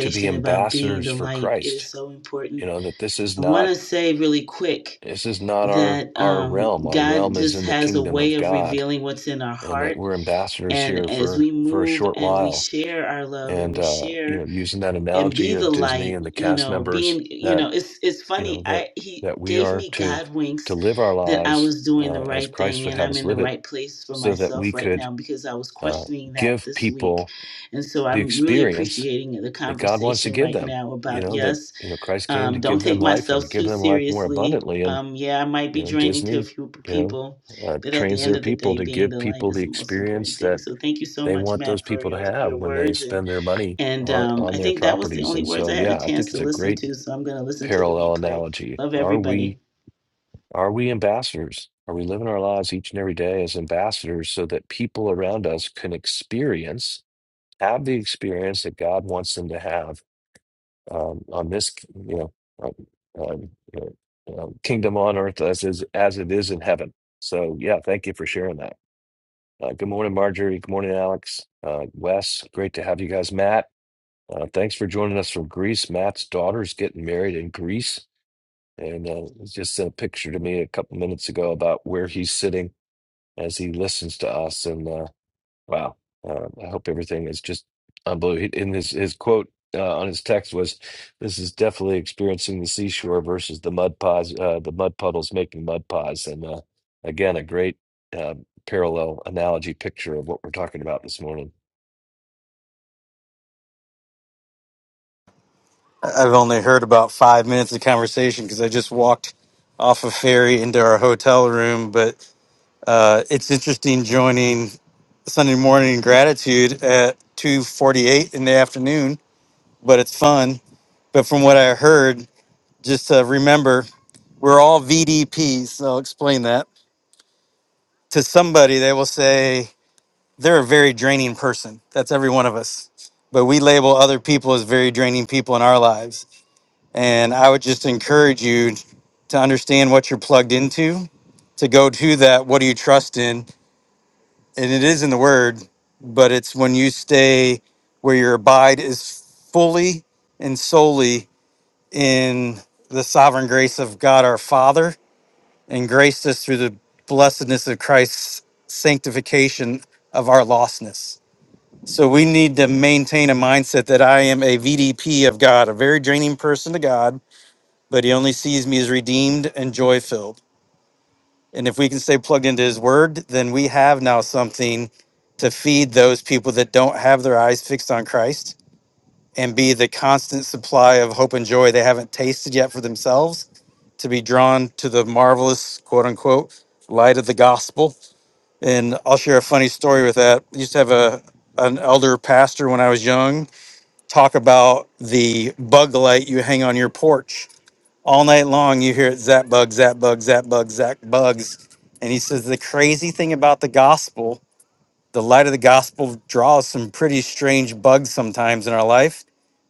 [SPEAKER 1] to be
[SPEAKER 8] about being
[SPEAKER 1] ambassadors
[SPEAKER 8] the
[SPEAKER 1] for
[SPEAKER 8] light. It
[SPEAKER 1] Christ.
[SPEAKER 8] is so
[SPEAKER 1] You
[SPEAKER 8] important.
[SPEAKER 1] know that this is
[SPEAKER 8] I want
[SPEAKER 1] not
[SPEAKER 8] to say really quick
[SPEAKER 1] this is not our
[SPEAKER 8] that
[SPEAKER 1] our
[SPEAKER 8] um,
[SPEAKER 1] realm. Our
[SPEAKER 8] God
[SPEAKER 1] realm is
[SPEAKER 8] just
[SPEAKER 1] in the
[SPEAKER 8] has a
[SPEAKER 1] kingdom
[SPEAKER 8] way
[SPEAKER 1] of
[SPEAKER 8] of
[SPEAKER 1] God,
[SPEAKER 8] revealing what's in our
[SPEAKER 1] and that
[SPEAKER 8] heart.
[SPEAKER 1] we're ambassadors here
[SPEAKER 8] And as
[SPEAKER 1] for
[SPEAKER 8] we
[SPEAKER 1] for a
[SPEAKER 8] move
[SPEAKER 1] short
[SPEAKER 8] and we
[SPEAKER 1] while.
[SPEAKER 8] share our love and
[SPEAKER 1] And
[SPEAKER 8] we
[SPEAKER 1] uh, you
[SPEAKER 8] share
[SPEAKER 1] know, using that
[SPEAKER 8] and
[SPEAKER 1] analogy
[SPEAKER 8] be the
[SPEAKER 1] of Disney
[SPEAKER 8] light
[SPEAKER 1] and the
[SPEAKER 8] you
[SPEAKER 1] cast
[SPEAKER 8] know being
[SPEAKER 1] members,
[SPEAKER 8] you
[SPEAKER 1] that
[SPEAKER 8] know it's it's
[SPEAKER 1] you
[SPEAKER 8] funny
[SPEAKER 1] know that
[SPEAKER 8] i he
[SPEAKER 1] that we
[SPEAKER 8] gave
[SPEAKER 1] are
[SPEAKER 8] me
[SPEAKER 1] to
[SPEAKER 8] god
[SPEAKER 1] to
[SPEAKER 8] winks
[SPEAKER 1] live our
[SPEAKER 8] that i
[SPEAKER 1] lives
[SPEAKER 8] was doing
[SPEAKER 1] uh,
[SPEAKER 8] the
[SPEAKER 1] as
[SPEAKER 8] right
[SPEAKER 1] Christ
[SPEAKER 8] thing
[SPEAKER 1] would
[SPEAKER 8] and
[SPEAKER 1] have
[SPEAKER 8] i'm
[SPEAKER 1] us
[SPEAKER 8] in the
[SPEAKER 1] live it,
[SPEAKER 8] right place for
[SPEAKER 1] so that we
[SPEAKER 8] myself right
[SPEAKER 1] could
[SPEAKER 8] now because i was
[SPEAKER 1] uh,
[SPEAKER 8] questioning that
[SPEAKER 1] give
[SPEAKER 8] this week
[SPEAKER 1] people
[SPEAKER 8] and so
[SPEAKER 1] the
[SPEAKER 8] i'm really
[SPEAKER 1] experience
[SPEAKER 8] appreciating the
[SPEAKER 1] that God wants to
[SPEAKER 8] conversation
[SPEAKER 1] give
[SPEAKER 8] right
[SPEAKER 1] them.
[SPEAKER 8] now
[SPEAKER 1] You
[SPEAKER 8] about
[SPEAKER 1] know that
[SPEAKER 8] yes
[SPEAKER 1] you know Christ came to
[SPEAKER 8] um, don't
[SPEAKER 1] give them
[SPEAKER 8] take
[SPEAKER 1] life
[SPEAKER 8] myself
[SPEAKER 1] and give
[SPEAKER 8] too
[SPEAKER 1] them life more
[SPEAKER 8] seriously
[SPEAKER 1] abundantly. And
[SPEAKER 8] um, yeah i might
[SPEAKER 1] you
[SPEAKER 8] be
[SPEAKER 1] know
[SPEAKER 8] draining to a
[SPEAKER 1] Disney,
[SPEAKER 8] few
[SPEAKER 1] you
[SPEAKER 8] people
[SPEAKER 1] know, uh,
[SPEAKER 8] but at the
[SPEAKER 1] trains
[SPEAKER 8] end
[SPEAKER 1] their
[SPEAKER 8] of the
[SPEAKER 1] people
[SPEAKER 8] day
[SPEAKER 1] to
[SPEAKER 8] being
[SPEAKER 1] give
[SPEAKER 8] the light
[SPEAKER 1] people
[SPEAKER 8] is
[SPEAKER 1] the
[SPEAKER 8] the most important
[SPEAKER 1] experience
[SPEAKER 8] thing
[SPEAKER 1] that
[SPEAKER 8] so thank you so
[SPEAKER 1] they
[SPEAKER 8] much
[SPEAKER 1] want those
[SPEAKER 8] matt for
[SPEAKER 1] people to
[SPEAKER 8] your,
[SPEAKER 1] have
[SPEAKER 8] your
[SPEAKER 1] when they
[SPEAKER 8] words and
[SPEAKER 1] spend their money
[SPEAKER 8] and
[SPEAKER 1] on,
[SPEAKER 8] um,
[SPEAKER 1] on
[SPEAKER 8] I
[SPEAKER 1] their
[SPEAKER 8] think that was the
[SPEAKER 1] properties.
[SPEAKER 8] only
[SPEAKER 1] And
[SPEAKER 8] words
[SPEAKER 1] so,
[SPEAKER 8] I had a
[SPEAKER 1] yeah, I think
[SPEAKER 8] chance
[SPEAKER 1] it's
[SPEAKER 8] to
[SPEAKER 1] a
[SPEAKER 8] listen
[SPEAKER 1] great
[SPEAKER 8] to. So I'm going to listen to the
[SPEAKER 1] parallel
[SPEAKER 8] replay.
[SPEAKER 1] analogy.
[SPEAKER 8] Love
[SPEAKER 1] Are we
[SPEAKER 8] everybody.
[SPEAKER 1] are we ambassadors? Are we living our lives each and every day as ambassadors so that people around us can experience, have the experience that God wants them to have? um, on this, you know, um, um, you know, um, kingdom on earth as is as it is in heaven. So yeah, thank you for sharing that. Uh, good morning, Marjorie. Good morning, Alex. Uh, Wes, great to have you guys. Matt, uh, thanks for joining us from Greece. Matt's daughter's getting married in Greece, and uh, he just sent a picture to me a couple minutes ago about where he's sitting as he listens to us. And uh, Wow. Uh, I hope everything is just unbelievable. In his his quote uh, on his text was, "This is definitely experiencing the seashore versus the mud pods, uh, the mud puddles making mud pods." And uh, again, a great uh, parallel analogy picture of what we're talking about this morning.
[SPEAKER 9] I've only heard about five minutes of conversation because I just walked off a ferry into our hotel room. But uh, it's interesting joining Sunday morning gratitude at two forty-eight in the afternoon. But it's fun. But from what I heard, just uh, remember we're all VDPs. So I'll explain that to somebody. They will say they're a very draining person. That's every one of us. But we label other people as very draining people in our lives And I would just encourage you to understand what you're plugged into, to go to that, what do you trust in? And it is in the word, but it's when you stay where your abide is fully and solely in the sovereign grace of God our Father and graced us through the blessedness of Christ's sanctification of our lostness. So we need to maintain a mindset that I am a VDP of God, a very draining person to God but he only sees me as redeemed and joy filled. And if we can stay plugged into his word, then we have now something to feed those people that don't have their eyes fixed on Christ and be the constant supply of hope and joy they haven't tasted yet for themselves to be drawn to the marvelous, quote unquote, light of the gospel. And I'll share a funny story with that. I used to have a an elder pastor when I was young talk about the bug light you hang on your porch all night long you hear it zap bug zap bug zap bug zap bugs and he says the crazy thing about the gospel the light of the gospel draws some pretty strange bugs sometimes in our life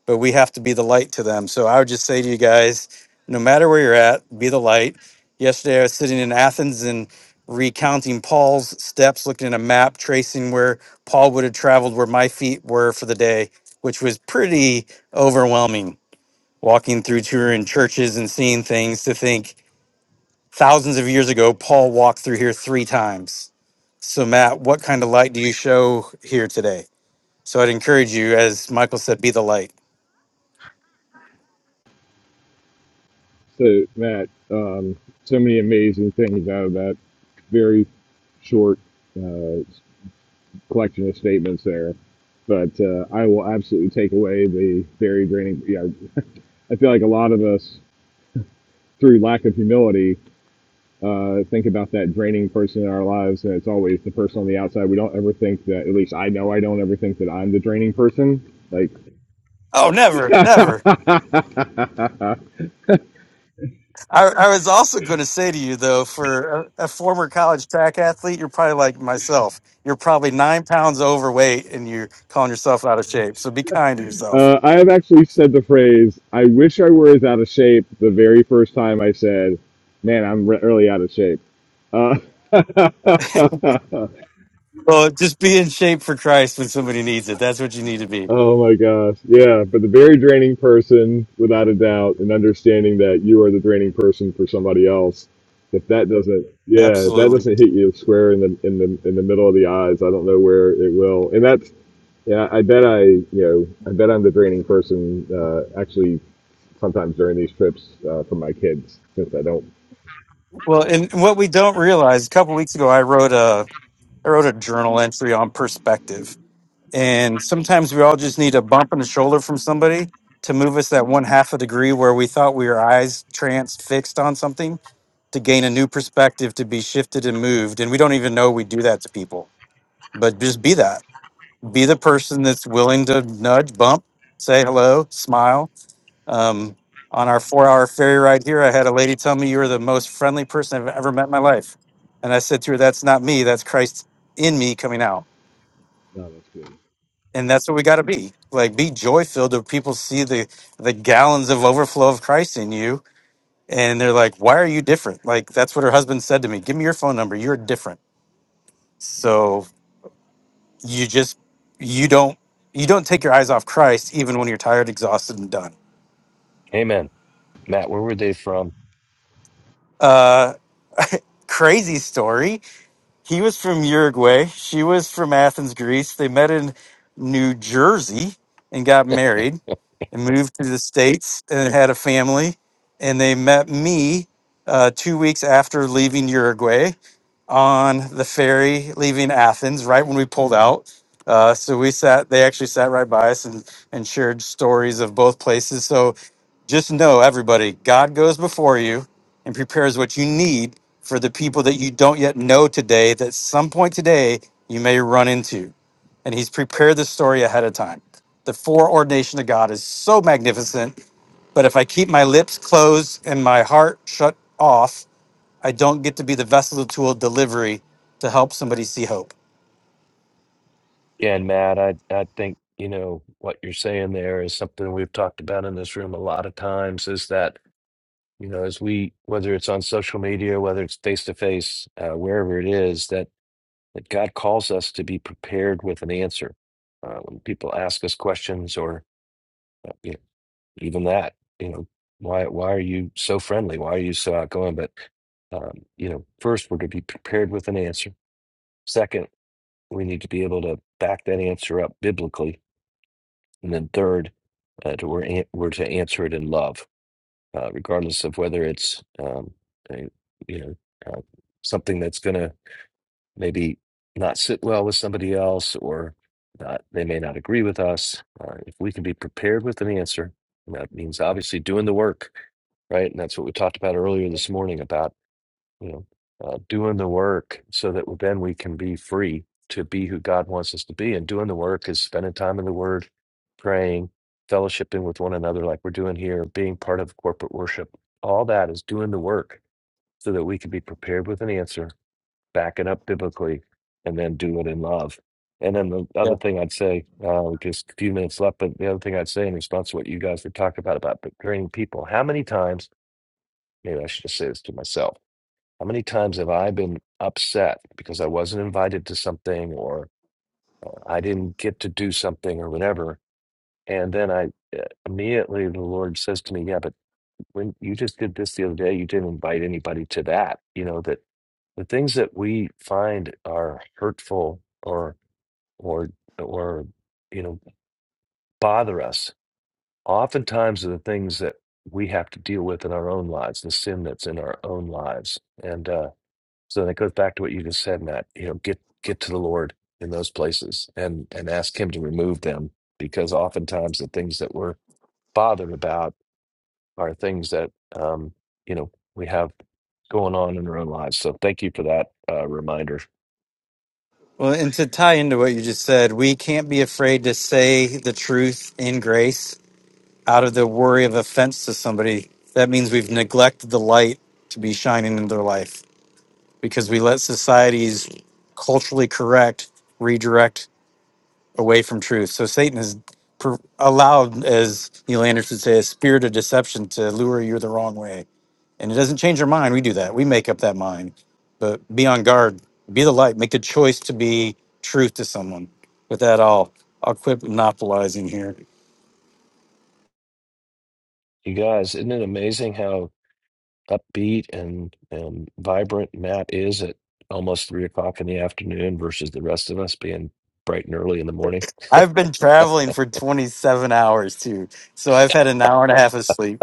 [SPEAKER 9] but we have to be the light to them so i would just say to you guys no matter where you're at be the light yesterday i was sitting in athens and recounting paul's steps looking at a map tracing where paul would have traveled where my feet were for the day which was pretty overwhelming walking through touring churches and seeing things to think thousands of years ago paul walked through here three times so matt what kind of light do you show here today so i'd encourage you as michael said be the light
[SPEAKER 7] So, Matt, um, so many amazing things out of that very short uh, collection of statements there. But uh, I will absolutely take away the very draining. Yeah, I feel like a lot of us, through lack of humility, uh, think about that draining person in our lives, and it's always the person on the outside. We don't ever think that. At least I know I don't ever think that I'm the draining person. Like,
[SPEAKER 9] oh
[SPEAKER 7] <laughs>
[SPEAKER 9] never
[SPEAKER 7] uh,
[SPEAKER 9] never i, I was also going to say to you though for a, a former college track athlete you're probably like myself you're probably nine pounds overweight and you're calling yourself out of shape so be kind to yourself
[SPEAKER 7] I have actually said the phrase, "I wish I were as out of shape." The very first time I said, "Man, I'm re- really out of shape." Uh, <laughs>
[SPEAKER 9] well just be in shape for christ when somebody needs it that's what you need to be
[SPEAKER 7] Oh my gosh. Yeah, but the very draining person, without a doubt, and understanding that you are the draining person for somebody else. If that doesn't, yeah, if that
[SPEAKER 9] absolutely
[SPEAKER 7] doesn't hit you square in the in the in the middle of the eyes, I don't know where it will. And that's, yeah, I bet I, you know, I bet I'm the draining person. Uh, actually, sometimes during these trips uh, for my kids, since I don't.
[SPEAKER 9] Well, and what we don't realize, a couple weeks ago, I wrote a I wrote a journal entry on perspective, and sometimes we all just need a bump in the shoulder from somebody to move us that one half a degree where we thought we were eyes transfixed on something to gain a new perspective to be shifted and moved, and we don't even know we do that to people. But just be that, be the person that's willing to nudge, bump, say hello, smile, um, on our four hour ferry ride here, I had a lady tell me you were the most friendly person I've ever met in my life. And I said to her, That's not me, that's Christ in me coming out.
[SPEAKER 7] No, that's good.
[SPEAKER 9] And that's what we got to be. Like, be joy filled if people see the, the gallons of overflow of Christ in you. And they're like, Why are you different? Like, that's what her husband said to me. Give me your phone number. You're different. So you just, you don't. You don't take your eyes off Christ even when you're tired, exhausted, and done.
[SPEAKER 1] Amen. Matt, where were they from?
[SPEAKER 9] Uh, crazy story He was from Uruguay. She was from Athens, Greece. They met in New Jersey and got married and moved to the States and had a family. And they met me uh, two weeks after leaving Uruguay on the ferry leaving Athens right when we pulled out. Uh, so we sat, they actually sat right by us and, and shared stories of both places. So just know, everybody, God goes before you and prepares what you need for the people that you don't yet know today, that some point today you may run into. And He's prepared the story ahead of time. The foreordination of God is so magnificent. But if I keep my lips closed and my heart shut off, I don't get to be the vessel to tool of delivery to help somebody see hope.
[SPEAKER 1] Yeah, and Matt, I I think you know what you're saying there is something we've talked about in this room a lot of times. Is that you know, as we, whether it's on social media, whether it's face to face, uh, wherever it is, that, that God calls us to be prepared with an answer. Uh, when people ask us questions or uh, you know, even that, you know, why, why are you so friendly? Why are you so outgoing? But, um, you know, first, we're going to be prepared with an answer. Second, we need to be able to back that answer up biblically. And then third, uh, to, we're, an- we're to answer it in love uh, regardless of whether it's um, a, you know uh, something that's going to maybe not sit well with somebody else or not, they may not agree with us. Uh, if we can be prepared with an answer, and that means obviously doing the work, right? And that's what we talked about earlier this morning about you know, uh, doing the work so that then we can be free to be who God wants us to be. And doing the work is spending time in the Word, praying, fellowshipping with one another, like we're doing here, being part of corporate worship. All that is doing the work so that we can be prepared with an answer, back it up biblically, and then do it in love. And then the other
[SPEAKER 9] Yeah.
[SPEAKER 1] thing I'd say, uh, just a few minutes left, but the other thing I'd say in response to what you guys were talking about, about training people, how many times, maybe I should just say this to myself, how many times have I been upset because I wasn't invited to something or uh, I didn't get to do something or whatever? And then I uh, immediately the Lord says to me, Yeah, but when you just did this the other day, you didn't invite anybody to that. You know, that the things that we find are hurtful or, or, or, you know, bother us oftentimes are the things that we have to deal with in our own lives, the sin that's in our own lives. And, uh, So that goes back to what you just said, Matt. You know, get get to the Lord in those places and and ask Him to remove them because oftentimes the things that we're bothered about are things that um, you know we have going on in our own lives. So thank you for that uh, reminder,
[SPEAKER 9] Well, and to tie into what you just said, we can't be afraid to say the truth in grace out of the worry of offense to somebody. That means we've neglected the light to be shining in their life because we let society's culturally correct redirect away from truth. So Satan has per- allowed, as Neil Anderson would say, a spirit of deception to lure you the wrong way. and it doesn't change our mind. We do that. We make up that mind. But be on guard. Be the light. Make the choice to be truth to someone. With that, I'll I'll quit monopolizing here.
[SPEAKER 1] you guys. Isn't it amazing how upbeat and and vibrant Matt is at almost three o'clock in the afternoon versus the rest of us being bright and early in the morning?
[SPEAKER 9] I've been traveling for 27 hours too, so I've had an hour and a half of sleep.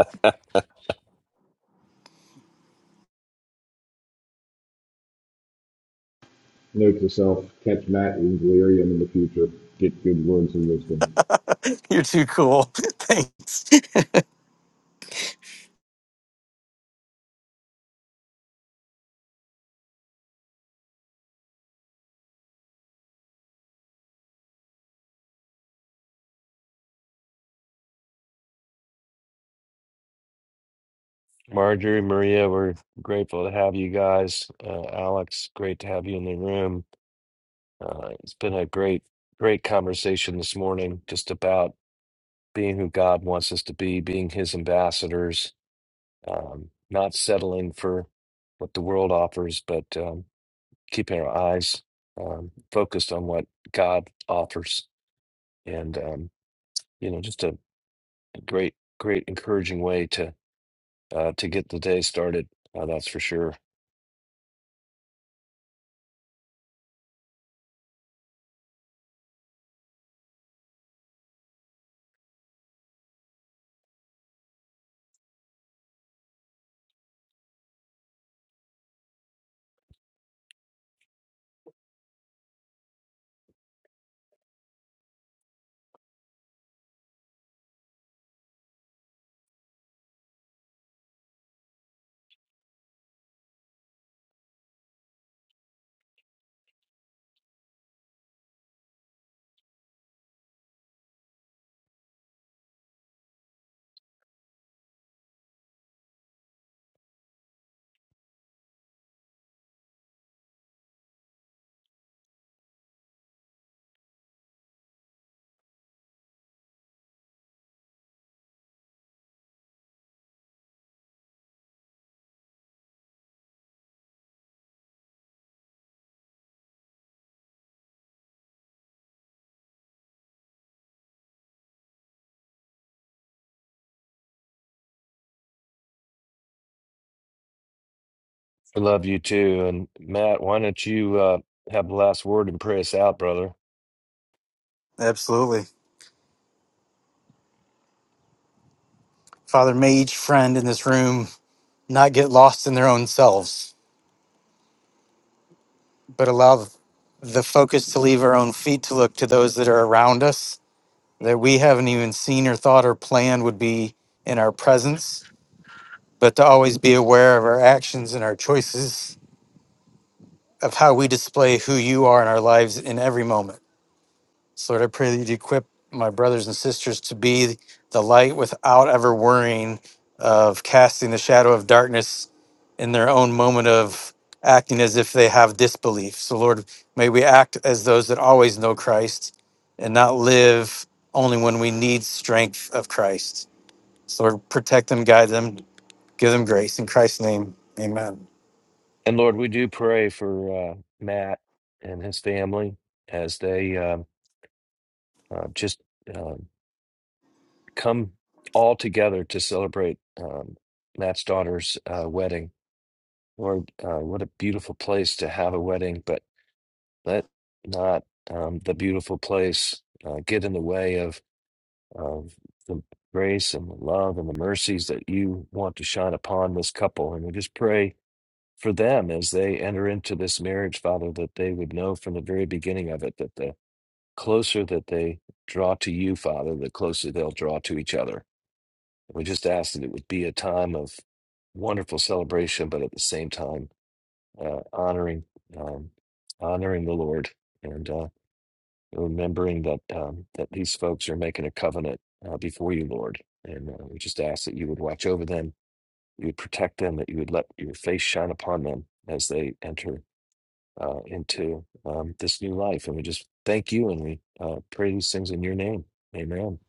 [SPEAKER 7] Note to self: catch Matt in delirium in the future. Get good words of wisdom.
[SPEAKER 9] <laughs> You're too cool. <laughs> Thanks.
[SPEAKER 1] Marjorie, Maria, we're grateful to have you guys. Uh, Alex, great to have you in the room. Uh, it's been a great, great conversation this morning just about being who God wants us to be, being his ambassadors, um, not settling for what the world offers, but um, keeping our eyes um, focused on what God offers. And, um, you know, just a great, great encouraging way to uh, to get the day started. Uh, that's for sure. I love you too. And Matt, why don't you uh, have the last word and pray us out, brother?
[SPEAKER 9] Absolutely, Father. May each friend in this room not get lost in their own selves, but allow the focus to leave our own feet to look to those that are around us that we haven't even seen or thought or planned would be in our presence, but to always be aware of our actions and our choices of how we display who you are in our lives in every moment. So Lord, I pray that you'd equip my brothers and sisters to be the light without ever worrying of casting the shadow of darkness in their own moment of acting as if they have disbelief. So Lord, may we act as those that always know Christ and not live only when we need strength of Christ. So protect them, guide them, give them grace in Christ's name. Amen.
[SPEAKER 1] And Lord, we do pray for uh, Matt and his family as they um uh, just um come all together to celebrate um, Matt's daughter's uh, wedding. Lord, uh, what a beautiful place to have a wedding, but let not um, the beautiful place uh, get in the way of. of the grace and the love and the mercies that you want to shine upon this couple. And we just pray for them as they enter into this marriage, Father, that they would know from the very beginning of it that the closer that they draw to you, Father, the closer they'll draw to each other. We just ask that it would be a time of wonderful celebration, but at the same time, uh, honoring, um, honoring the Lord. and. uh, remembering that um, that these folks are making a covenant uh, before you, Lord, and uh, we just ask that you would watch over them, you would protect them, that you would let your face shine upon them as they enter uh, into um, this new life. And we just thank you, and we uh, pray these things in your name. Amen.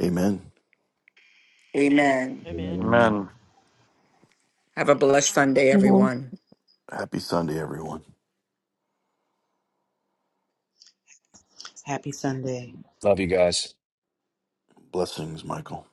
[SPEAKER 2] Amen.
[SPEAKER 6] amen
[SPEAKER 7] Amen.
[SPEAKER 3] amen
[SPEAKER 7] Amen.
[SPEAKER 9] Amen.
[SPEAKER 6] have a blessed sunday
[SPEAKER 10] Amen.
[SPEAKER 6] everyone
[SPEAKER 2] Happy Sunday, everyone.
[SPEAKER 8] Happy Sunday.
[SPEAKER 1] Love you guys.
[SPEAKER 2] Blessings, Michael.